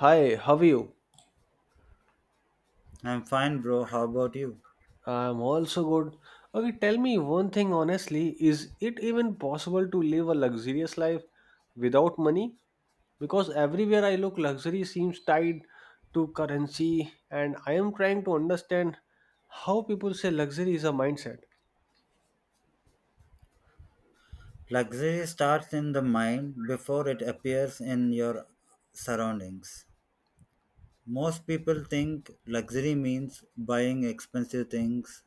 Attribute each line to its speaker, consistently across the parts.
Speaker 1: Hi, how are you?
Speaker 2: I'm fine, bro. How about you?
Speaker 1: I'm also good. Okay, tell me one thing honestly, is it even possible to live a luxurious life without money? Because everywhere I look, luxury seems tied to currency, and I am trying to understand how people say luxury is a mindset.
Speaker 2: Luxury starts in the mind before it appears in your surroundings. Most people think luxury means buying expensive things,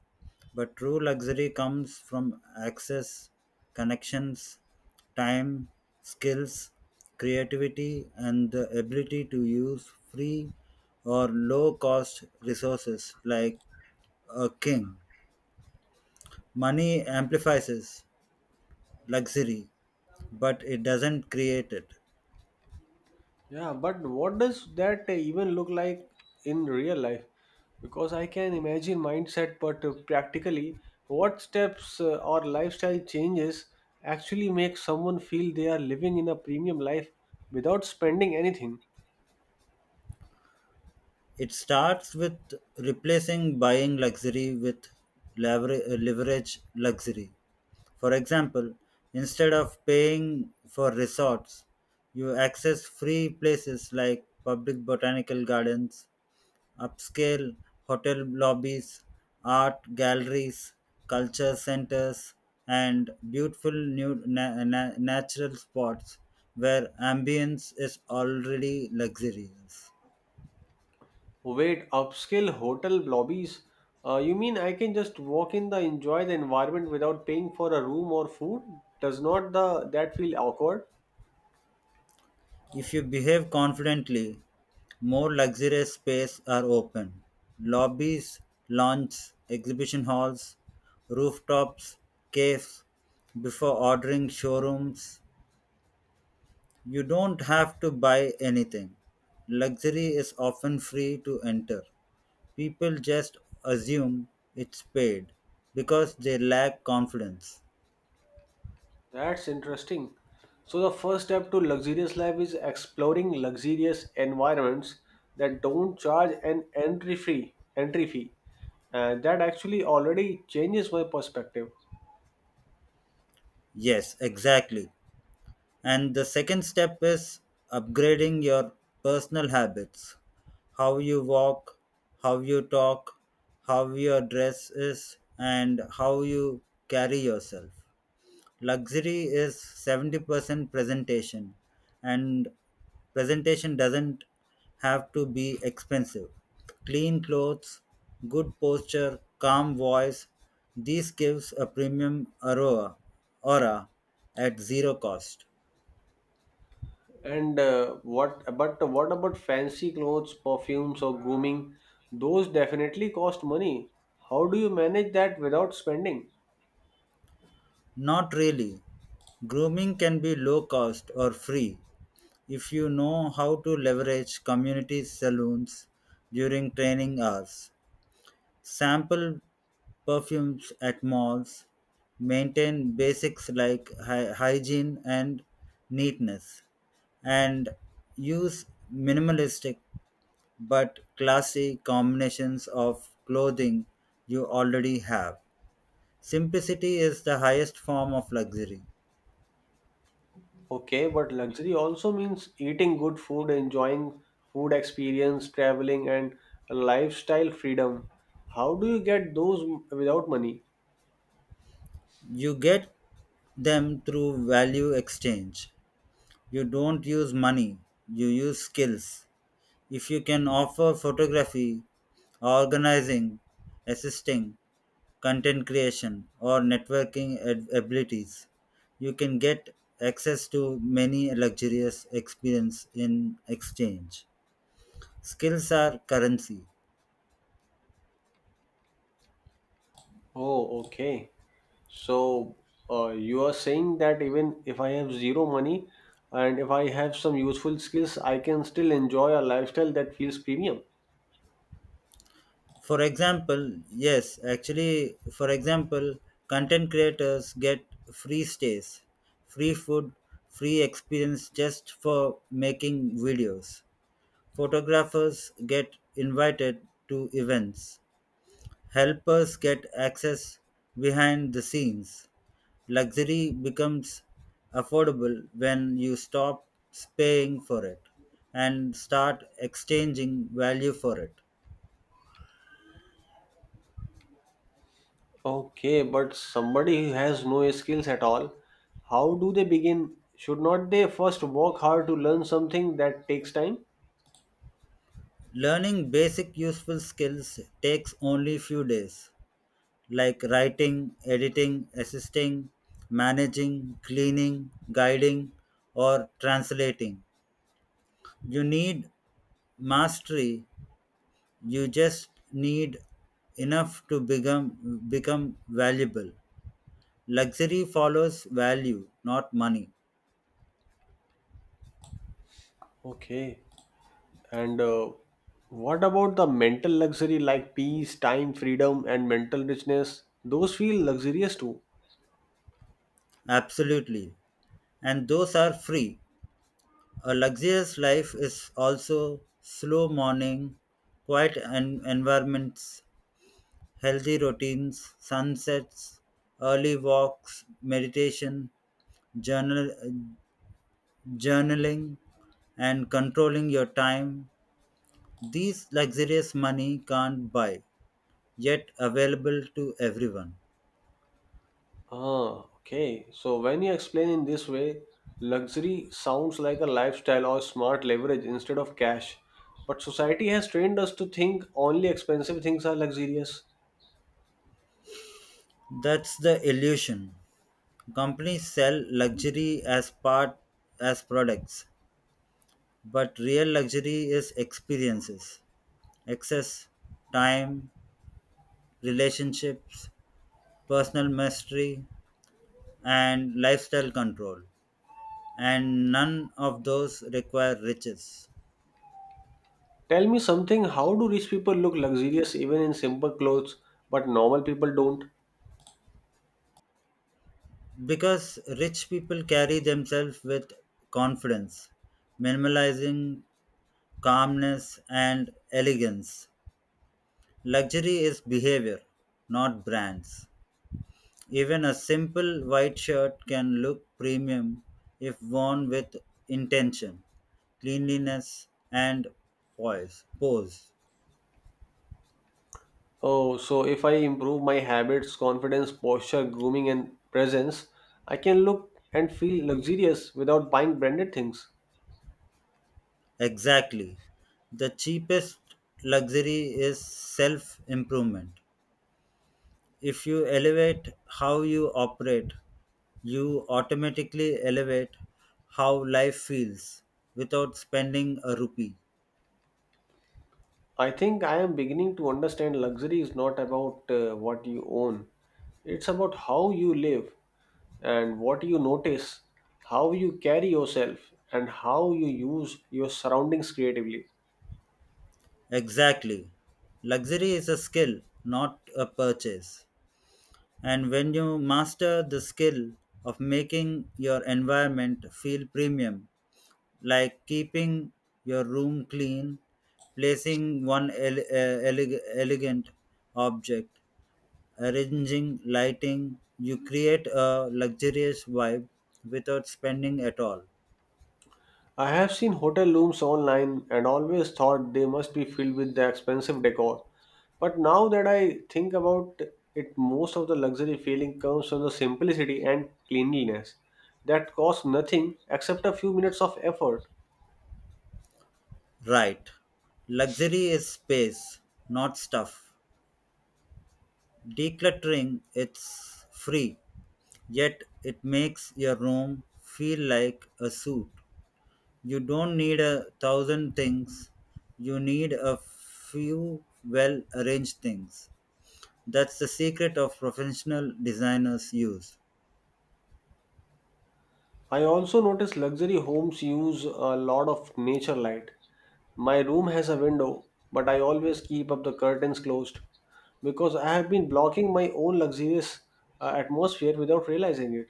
Speaker 2: but true luxury comes from access, connections, time, skills, creativity, and the ability to use free or low cost resources like a king. Money amplifies luxury but it doesn't create it.
Speaker 1: Yeah, but what does that even look like in real life? Because I can imagine mindset, but practically, what steps or lifestyle changes actually make someone feel they are living in a premium life without spending anything?
Speaker 2: It starts with replacing buying luxury with leverage luxury. For example, instead of paying for resorts, you access free places like public botanical gardens upscale hotel lobbies, art galleries, culture centers, and beautiful new natural spots where ambience is already luxurious.
Speaker 1: Wait, upscale hotel lobbies? You mean I can just walk in the enjoy the environment without paying for a room or food? Does not the that feel awkward?
Speaker 2: If you behave confidently, more luxurious spaces are open. Lobbies, lounges, exhibition halls, rooftops, caves, before ordering showrooms. You don't have to buy anything. Luxury is often free to enter. People just assume it's paid because they lack confidence.
Speaker 1: That's interesting. So the first step to luxurious life is exploring luxurious environments that don't charge an entry fee. Entry fee. That actually already changes my perspective.
Speaker 2: Yes, exactly. And the second step is upgrading your personal habits. How you walk, how you talk, how your dress is, and how you carry yourself. Luxury is 70% presentation and presentation doesn't have to be expensive. Clean clothes, good posture, calm voice, these gives a premium aura aura at zero cost.
Speaker 1: And what? But what about fancy clothes, perfumes, or grooming? Those definitely cost money. How do you manage that without spending?
Speaker 2: Not really. Grooming can be low cost or free if you know how to leverage community saloons during training hours. Sample perfumes at malls, maintain basics like hygiene and neatness and use minimalistic but classy combinations of clothing you already have. Simplicity is the highest form of luxury.
Speaker 1: Okay, but luxury also means eating good food, enjoying food experience, traveling, and lifestyle freedom. How do you get those without money?
Speaker 2: You get them through value exchange. You don't use money, you use skills. If you can offer photography, organizing, assisting, content creation, or networking abilities, you can get access to many luxurious experience in exchange. Skills are currency.
Speaker 1: Oh, okay. So, you are saying that even if I have zero money and if I have some useful skills, I can still enjoy a lifestyle that feels premium.
Speaker 2: For example, yes, actually, for example, content creators get free stays, free food, free experience just for making videos. Photographers get invited to events. Helpers get access behind the scenes. Luxury becomes affordable when you stop paying for it and start exchanging value for it.
Speaker 1: Okay, but somebody who has no skills at all, how do they begin? Should not they first work hard to learn something that takes time?
Speaker 2: Learning basic useful skills takes only few days, like writing, editing, assisting, managing, cleaning, guiding, or translating. You need mastery, you just need enough to become valuable. Luxury follows value, not money.
Speaker 1: Okay. And what about the mental luxury like peace, time, freedom, and mental richness? Those feel luxurious too.
Speaker 2: Absolutely, and those are free. A luxurious life is also slow morning, quiet environments, healthy routines, sunsets, early walks, meditation, journal journaling, and controlling your time. These luxurious money can't buy, yet available to everyone.
Speaker 1: Ah, okay. So when you explain in this way, luxury sounds like a lifestyle or smart leverage instead of cash. But society has trained us to think only expensive things are luxurious.
Speaker 2: That's the illusion. Companies sell luxury as part as products, but real luxury is experiences, access, time, relationships, personal mastery, and lifestyle control. And none of those require riches.
Speaker 1: Tell me something, how do rich people look luxurious even in simple clothes, but normal people don't?
Speaker 2: Because rich people carry themselves with confidence, minimalizing, calmness and elegance. Luxury is behavior, not brands. Even a simple white shirt can look premium if worn with intention, cleanliness, and poise. Pose.
Speaker 1: Oh, so if I improve my habits, confidence, posture, grooming, and presence, I can look and feel luxurious without buying branded things.
Speaker 2: Exactly. The cheapest luxury is self improvement. If you elevate how you operate, you automatically elevate how life feels without spending a rupee.
Speaker 1: I think I am beginning to understand luxury is not about what you own, it's about how you live and what you notice, how you carry yourself, and how you use your surroundings creatively.
Speaker 2: Exactly. Luxury is a skill, not a purchase. And when you master the skill of making your environment feel premium, like keeping your room clean, placing one elegant object, arranging lighting, you create a luxurious vibe without spending at all.
Speaker 1: I have seen hotel rooms online and always thought they must be filled with the expensive decor. But now that I think about it, most of the luxury feeling comes from the simplicity and cleanliness that cost nothing except a few minutes of effort.
Speaker 2: Right. Luxury is space, not stuff. Decluttering it's free, yet it makes your room feel like a suit. You don't need a thousand things, you need a few well arranged things. That's the secret of professional designers use.
Speaker 1: I also notice luxury homes use a lot of nature light. My room has a window, but I always keep up the curtains closed because I have been blocking my own luxurious atmosphere without realizing it.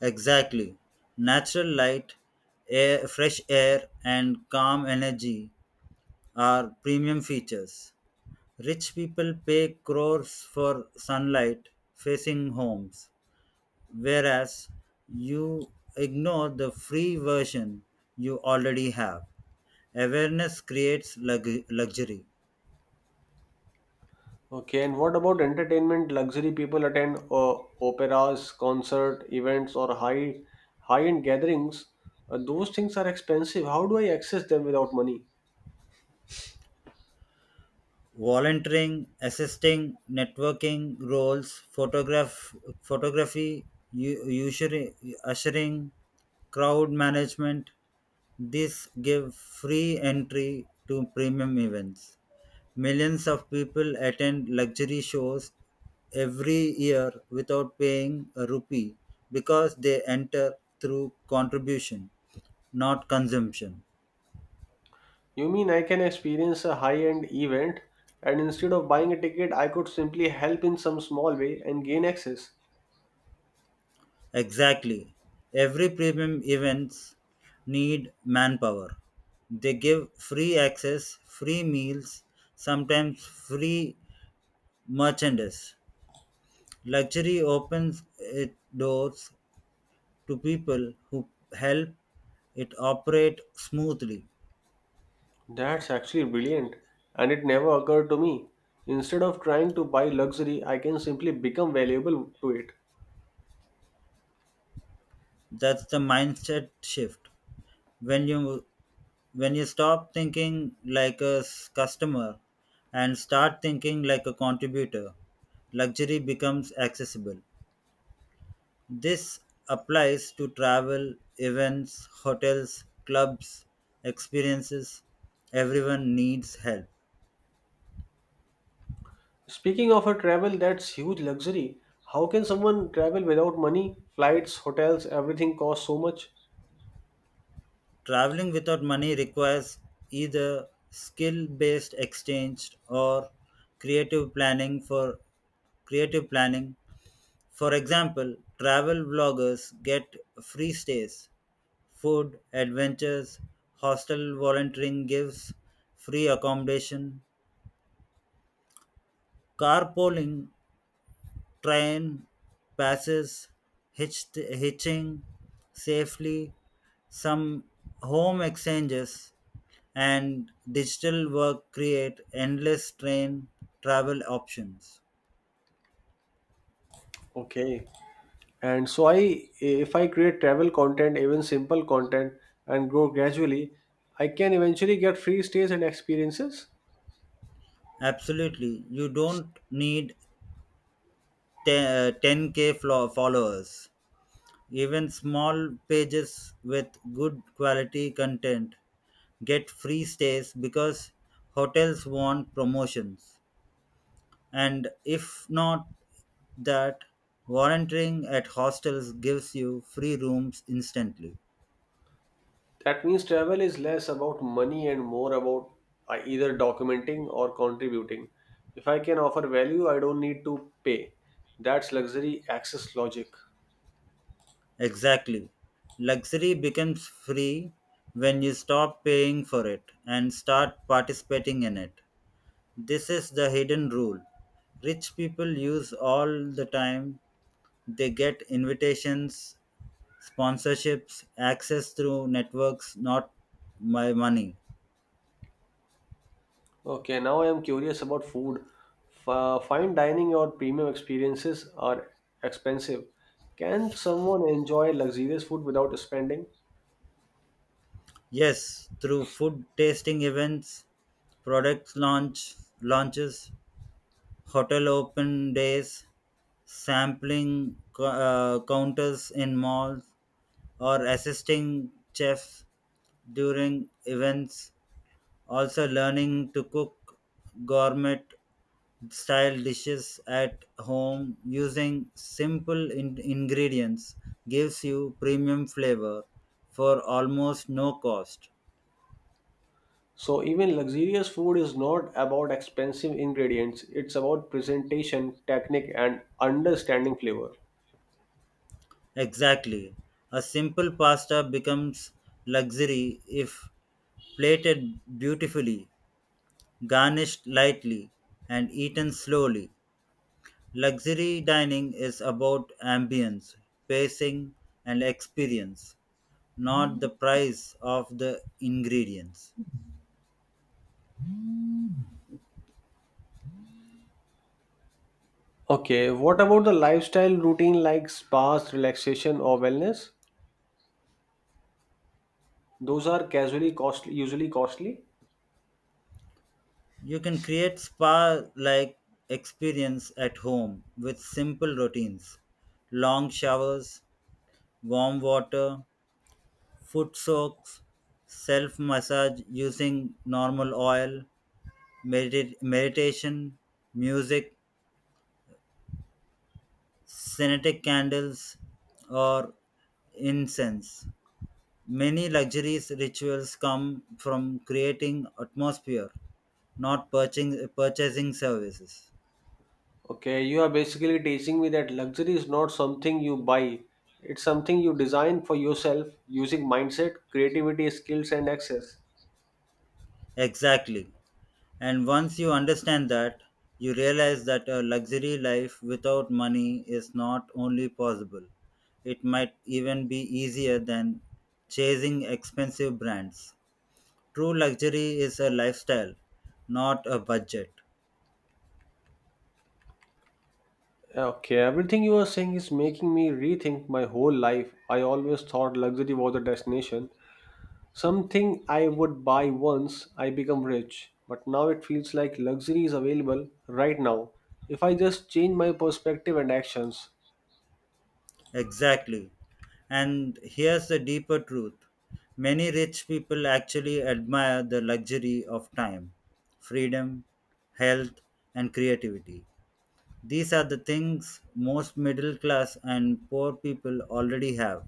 Speaker 2: Exactly. Natural light, fresh air, and calm energy are premium features. Rich people pay crores for sunlight facing homes, whereas you ignore the free version you already have. Awareness creates luxury.
Speaker 1: Okay, and what about entertainment? Luxury people attend operas, concert events, or high-end gatherings. Those things are expensive. How do I access them without money?
Speaker 2: Volunteering, assisting, networking roles, photography, u- usury- ushering, crowd management. These give free entry to premium events. Millions of people attend luxury shows every year without paying a rupee because they enter through contribution, not consumption.
Speaker 1: You mean I can experience a high-end event, and instead of buying a ticket, I could simply help in some small way and gain access?
Speaker 2: Exactly. Every premium events need manpower. They give free access, free meals, sometimes free merchandise. Luxury opens its doors to people who help it operate smoothly.
Speaker 1: That's actually brilliant, and it never occurred to me. Instead of trying to buy luxury, I can simply become valuable to it.
Speaker 2: That's the mindset shift. When you when you stop thinking like a customer and start thinking like a contributor, luxury becomes accessible. This applies to travel, events, hotels, clubs, experiences. Everyone needs help.
Speaker 1: Speaking of a travel, that's huge luxury. How can someone travel without money? Flights, hotels, everything costs so much.
Speaker 2: Traveling without money requires either skill based exchange or creative planning for creative planning. For example, travel vloggers get free stays, food, adventures, hostel volunteering gives free accommodation. Carpooling, train passes, hitching safely, some home exchanges and digital work create endless train travel options.
Speaker 1: Okay. And so I if I create travel content, even simple content and grow gradually, I can eventually get free stays and experiences.
Speaker 2: Absolutely, you don't need 10K followers. Even small pages with good quality content get free stays because hotels want promotions, and if not that, volunteering at hostels gives you free rooms instantly.
Speaker 1: That means travel is less about money and more about either documenting or contributing. If I can offer value, I don't need to pay. That's luxury access logic.
Speaker 2: Exactly. Luxury becomes free when you stop paying for it and start participating in it. This is the hidden rule. Rich people use all the time. They get invitations, sponsorships, access through networks, not my money.
Speaker 1: Okay, now I am curious about food. Fine dining or premium experiences are expensive. Can someone enjoy luxurious food without spending?
Speaker 2: Yes, through food tasting events, product launch launches, hotel open days, sampling counters in malls, or assisting chefs during events. Also, learning to cook gourmet style dishes at home using simple ingredients gives you premium flavor for almost no cost.
Speaker 1: So, even luxurious food is not about expensive ingredients, it's about presentation, technique, and understanding flavor.
Speaker 2: Exactly. A simple pasta becomes luxury if plated beautifully, garnished lightly, and eaten slowly. Luxury dining is about ambience, pacing, and experience, not the price of the ingredients.
Speaker 1: Okay, what about the lifestyle routine like spas, relaxation, or wellness? Those are usually costly.
Speaker 2: You can create spa like experience at home with simple routines: long showers, warm water, foot soaks, self massage using normal oil, meditation, music, scented candles, or incense. Many luxurious rituals come from creating atmosphere, not purchasing services.
Speaker 1: Okay, you are basically teaching me that luxury is not something you buy. It's something you design for yourself using mindset, creativity, skills, and access.
Speaker 2: Exactly. And once you understand that, you realize that a luxury life without money is not only possible, it might even be easier than chasing expensive brands. True luxury is a lifestyle, not a budget.
Speaker 1: Okay, everything you are saying is making me rethink my whole life. I always thought luxury was a destination, something I would buy once I become rich. But now it feels like luxury is available right now if I just change my perspective and actions.
Speaker 2: Exactly. And here's the deeper truth, many rich people actually admire the luxury of time, freedom, health, and creativity. These are the things most middle class and poor people already have,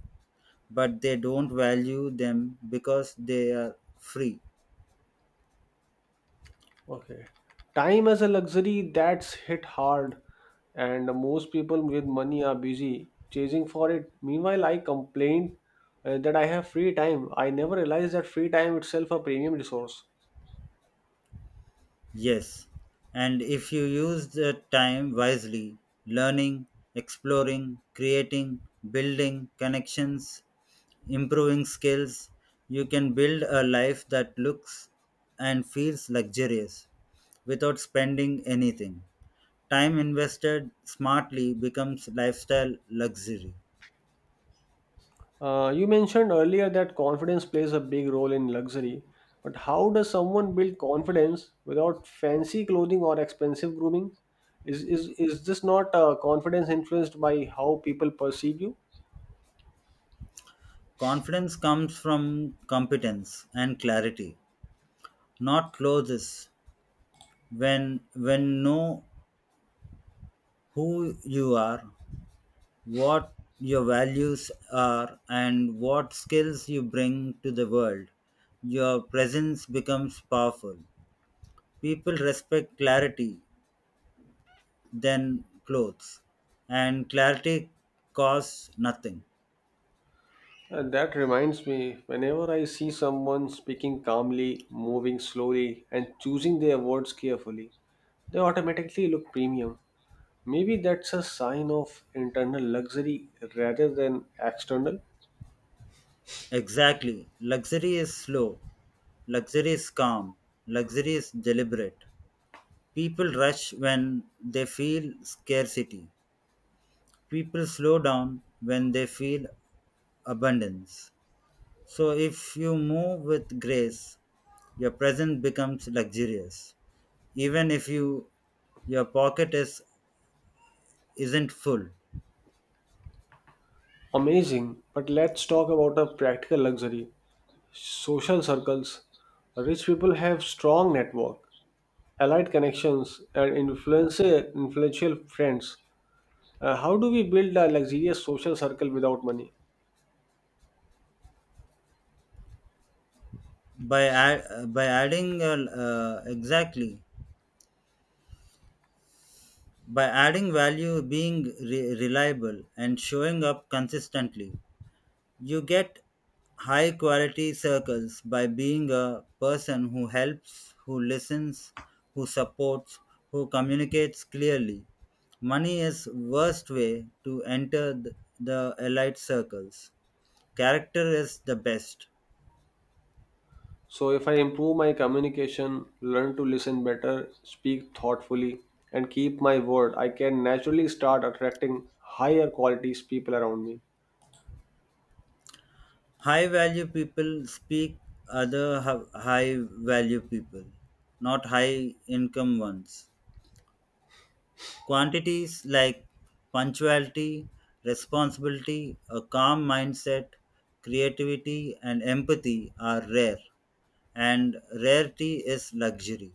Speaker 2: but they don't value them because they are free.
Speaker 1: Okay. Time as a luxury that's hit hard, and most people with money are busy chasing for it. Meanwhile, I complain that I have free time. I never realized that free time itself a premium resource.
Speaker 2: Yes, and if you use the time wisely, learning, exploring, creating, building connections, improving skills, you can build a life that looks and feels luxurious without spending anything. Time invested smartly becomes lifestyle luxury.
Speaker 1: You mentioned earlier that confidence plays a big role in luxury, but how does someone build confidence without fancy clothing or expensive grooming? Is this not confidence influenced by how people perceive you?
Speaker 2: Confidence comes from competence and clarity, not clothes. When know who you are, what your values are and what skills you bring to the world. Your presence becomes powerful. People respect clarity than clothes, and clarity costs nothing.
Speaker 1: And that reminds me, whenever I see someone speaking calmly, moving slowly, and choosing their words carefully, they automatically look premium. Maybe that's a sign of internal luxury rather than external.
Speaker 2: Exactly. Luxury is slow, luxury is calm, luxury is deliberate. People rush when they feel scarcity, people slow down when they feel abundance. So if you move with grace, your present becomes luxurious. Even if you your pocket is isn't full.
Speaker 1: Amazing, but let's talk about a practical luxury social circles. Rich people have strong network, allied connections, and influential friends. How do we build a luxurious social circle without money?
Speaker 2: By adding exactly by adding value, being reliable, and showing up consistently, you get high quality circles by being a person who helps, who listens, who supports, who communicates clearly. Money is worst way to enter the elite circles. Character is the best.
Speaker 1: So, if I improve my communication, learn to listen better, speak thoughtfully, and keep my word, I can naturally start attracting higher qualities people around me.
Speaker 2: High value people speak other high value people, not high income ones. Quantities like punctuality, responsibility, a calm mindset, creativity, and empathy are rare, and rarity is luxury.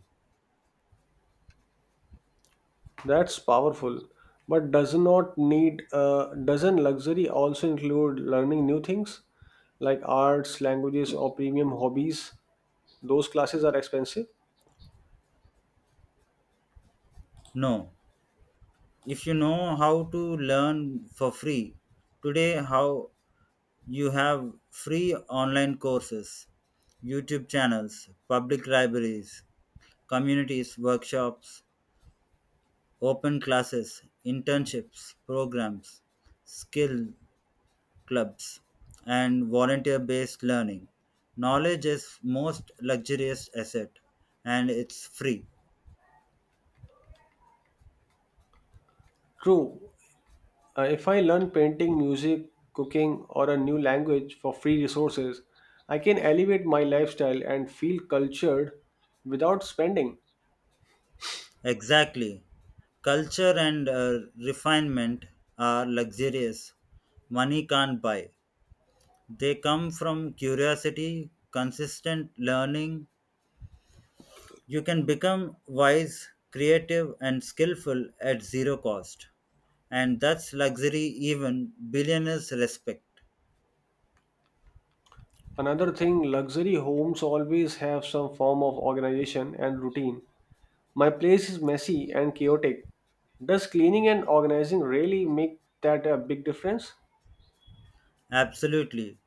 Speaker 1: That's powerful. But does not need doesn't luxury also include learning new things like arts, languages, or premium hobbies? Those classes are expensive.
Speaker 2: No, if you know how to learn for free, today how you have free online courses, YouTube channels, public libraries, communities, workshops, open classes, internships, programs, skill clubs, and volunteer based learning. Knowledge is most luxurious asset and it's free.
Speaker 1: True, if I learn painting, music, cooking, or a new language for free resources, I can elevate my lifestyle and feel cultured without spending.
Speaker 2: Exactly. Culture and refinement are luxurious. Money can't buy. They come from curiosity, consistent learning. You can become wise, creative, and skillful at zero cost. And that's luxury even billionaires respect.
Speaker 1: Another thing, luxury homes always have some form of organization and routine. My place is messy and chaotic. Does cleaning and organizing really make that a big difference?
Speaker 2: Absolutely.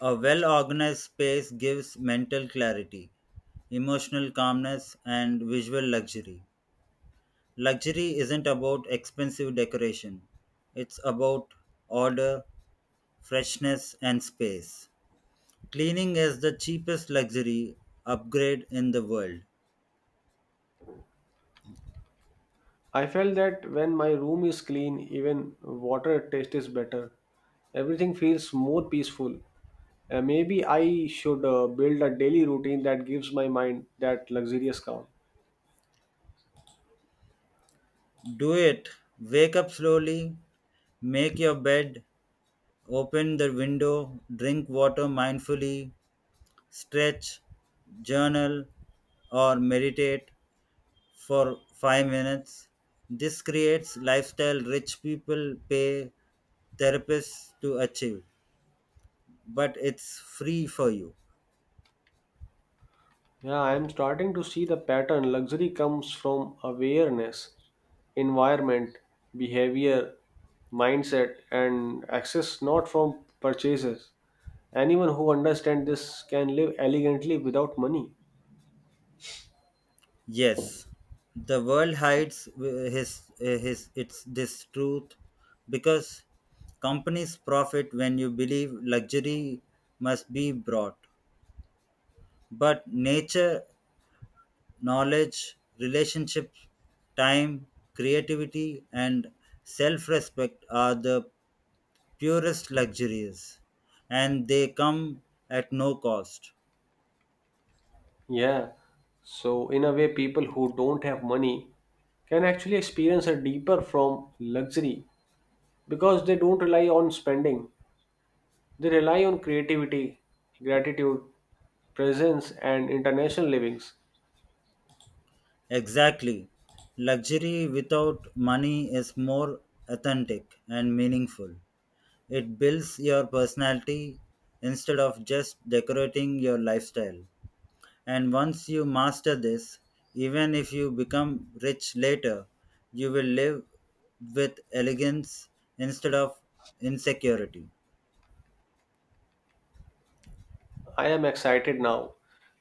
Speaker 2: A well organized space gives mental clarity, emotional calmness, and visual luxury. Luxury isn't about expensive decoration, it's about order, freshness, and space. Cleaning is the cheapest luxury upgrade in the world.
Speaker 1: I felt that when my room is clean, even water taste is better. Everything feels more peaceful. Maybe I should build a daily routine that gives my mind that luxurious calm.
Speaker 2: Do it. Wake up slowly, make your bed, open the window, drink water mindfully, stretch, journal, or meditate for 5 minutes. This creates lifestyle rich people pay therapists to achieve, but it's free for you.
Speaker 1: Yeah, I am starting to see the pattern. Luxury comes from awareness, environment, behavior, mindset, and access, not from purchases. Anyone who understands this can live elegantly without money.
Speaker 2: Yes, the world hides his its this truth because companies profit when you believe luxury must be brought, but nature, knowledge, relationships, time, creativity, and self-respect are the purest luxuries, and they come at no cost.
Speaker 1: Yeah. So, in a way, people who don't have money can actually experience a deeper from luxury because they don't rely on spending. They rely on creativity, gratitude, presence, and international livings.
Speaker 2: Exactly. Luxury without money is more authentic and meaningful. It builds your personality instead of just decorating your lifestyle. And once you master this, even if you become rich later, you will live with elegance instead of insecurity.
Speaker 1: I am excited now.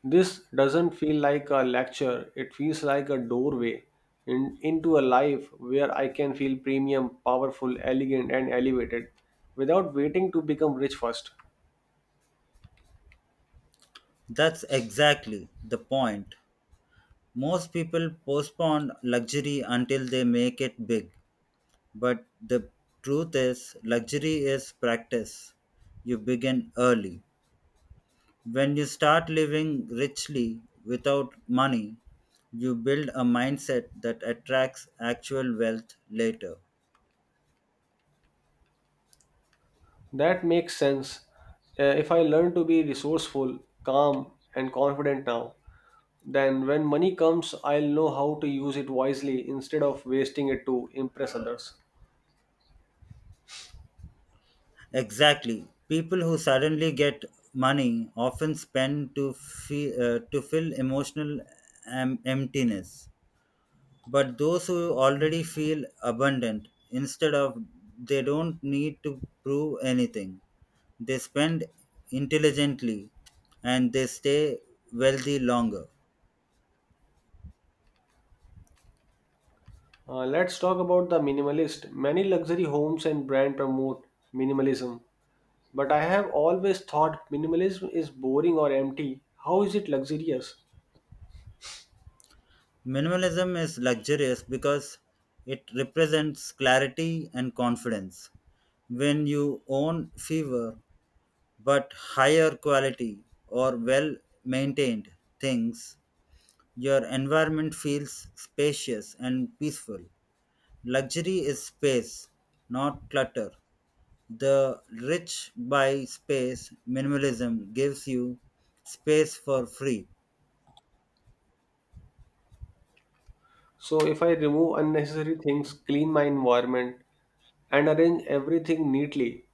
Speaker 1: This doesn't feel like a lecture, it feels like a doorway into a life where I can feel premium, powerful, elegant, and elevated without waiting to become rich first.
Speaker 2: That's exactly the point. Most people postpone luxury until they make it big. But the truth is, luxury is practice. You begin early. When you start living richly without money, you build a mindset that attracts actual wealth later.
Speaker 1: That makes sense. If I learn to be resourceful, calm, and confident now, then when money comes, I'll know how to use it wisely instead of wasting it to impress others.
Speaker 2: Exactly. People who suddenly get money often to fill emotional emptiness, but those who already feel abundant instead of they don't need to prove anything. They spend intelligently and they stay wealthy longer.
Speaker 1: Let's talk about the minimalist. Many luxury homes and brands promote minimalism, but I have always thought minimalism is boring or empty. How is it luxurious?
Speaker 2: Minimalism is luxurious because it represents clarity and confidence. When you own fewer but higher quality or well maintained things, your environment feels spacious and peaceful. Luxury is space, not clutter. The rich buy space. Minimalism gives you space for free.
Speaker 1: So, if I remove unnecessary things, clean my environment, and arrange everything neatly,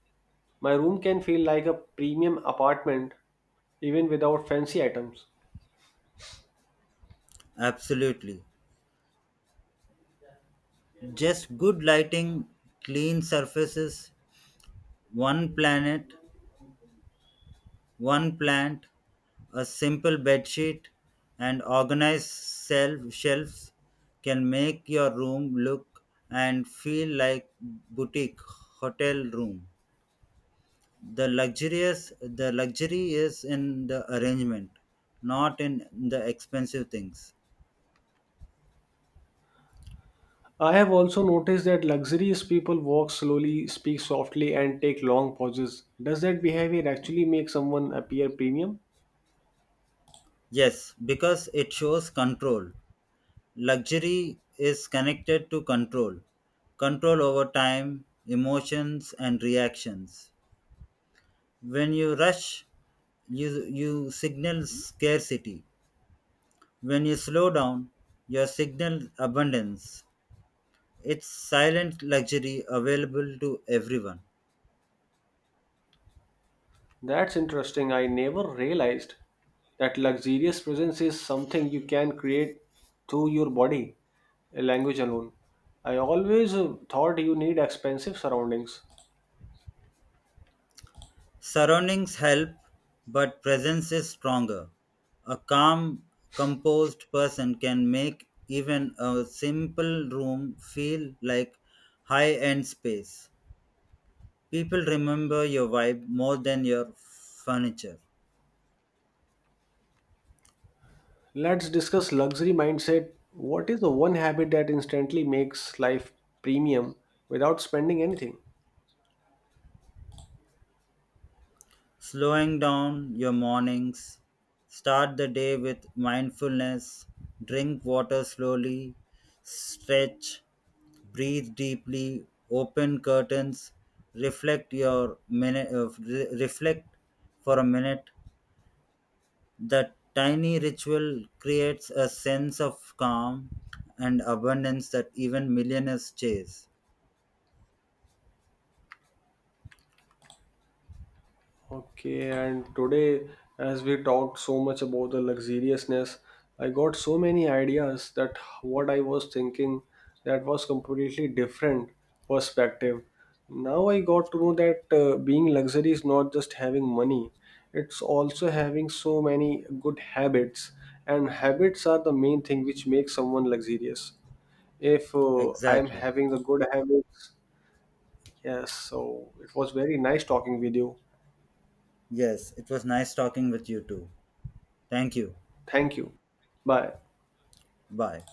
Speaker 1: my room can feel like a premium apartment even without fancy items.
Speaker 2: Absolutely. Just good lighting, clean surfaces, one planet, one plant, a simple bedsheet, and organized shelves can make your room look and feel like boutique hotel room. The luxury is in the arrangement, not in the expensive things.
Speaker 1: I have also noticed that luxurious people walk slowly, speak softly, and take long pauses. Does that behavior actually make someone appear premium?
Speaker 2: Yes, because it shows control. Luxury is connected to control, control over time, emotions and reactions. When you rush, you signal scarcity. When you slow down, you signal abundance. It's silent luxury available to everyone.
Speaker 1: That's interesting. I never realized that luxurious presence is something you can create through your body, language alone. I always thought you need expensive surroundings.
Speaker 2: Surroundings help, but presence is stronger. A calm, composed person can make even a simple room feel like high end space. People remember your vibe more than your furniture.
Speaker 1: Let's discuss luxury mindset. What is the one habit that instantly makes life premium without spending anything?
Speaker 2: Slowing down your mornings, start the day with mindfulness, drink water slowly, stretch, breathe deeply, open curtains, re- reflect for a minute. The tiny ritual creates a sense of calm and abundance that even millionaires chase.
Speaker 1: Okay, and today, as we talked so much about the luxuriousness, I got so many ideas that what I was thinking that was completely different perspective. Now I got to know that being luxury is not just having money; it's also having so many good habits, and habits are the main thing which makes someone luxurious. If I am
Speaker 2: Exactly.
Speaker 1: having the good habits. Yes, so it was very nice talking with you.
Speaker 2: Yes, it was nice talking with you too. Thank you.
Speaker 1: Thank you. Bye.
Speaker 2: Bye.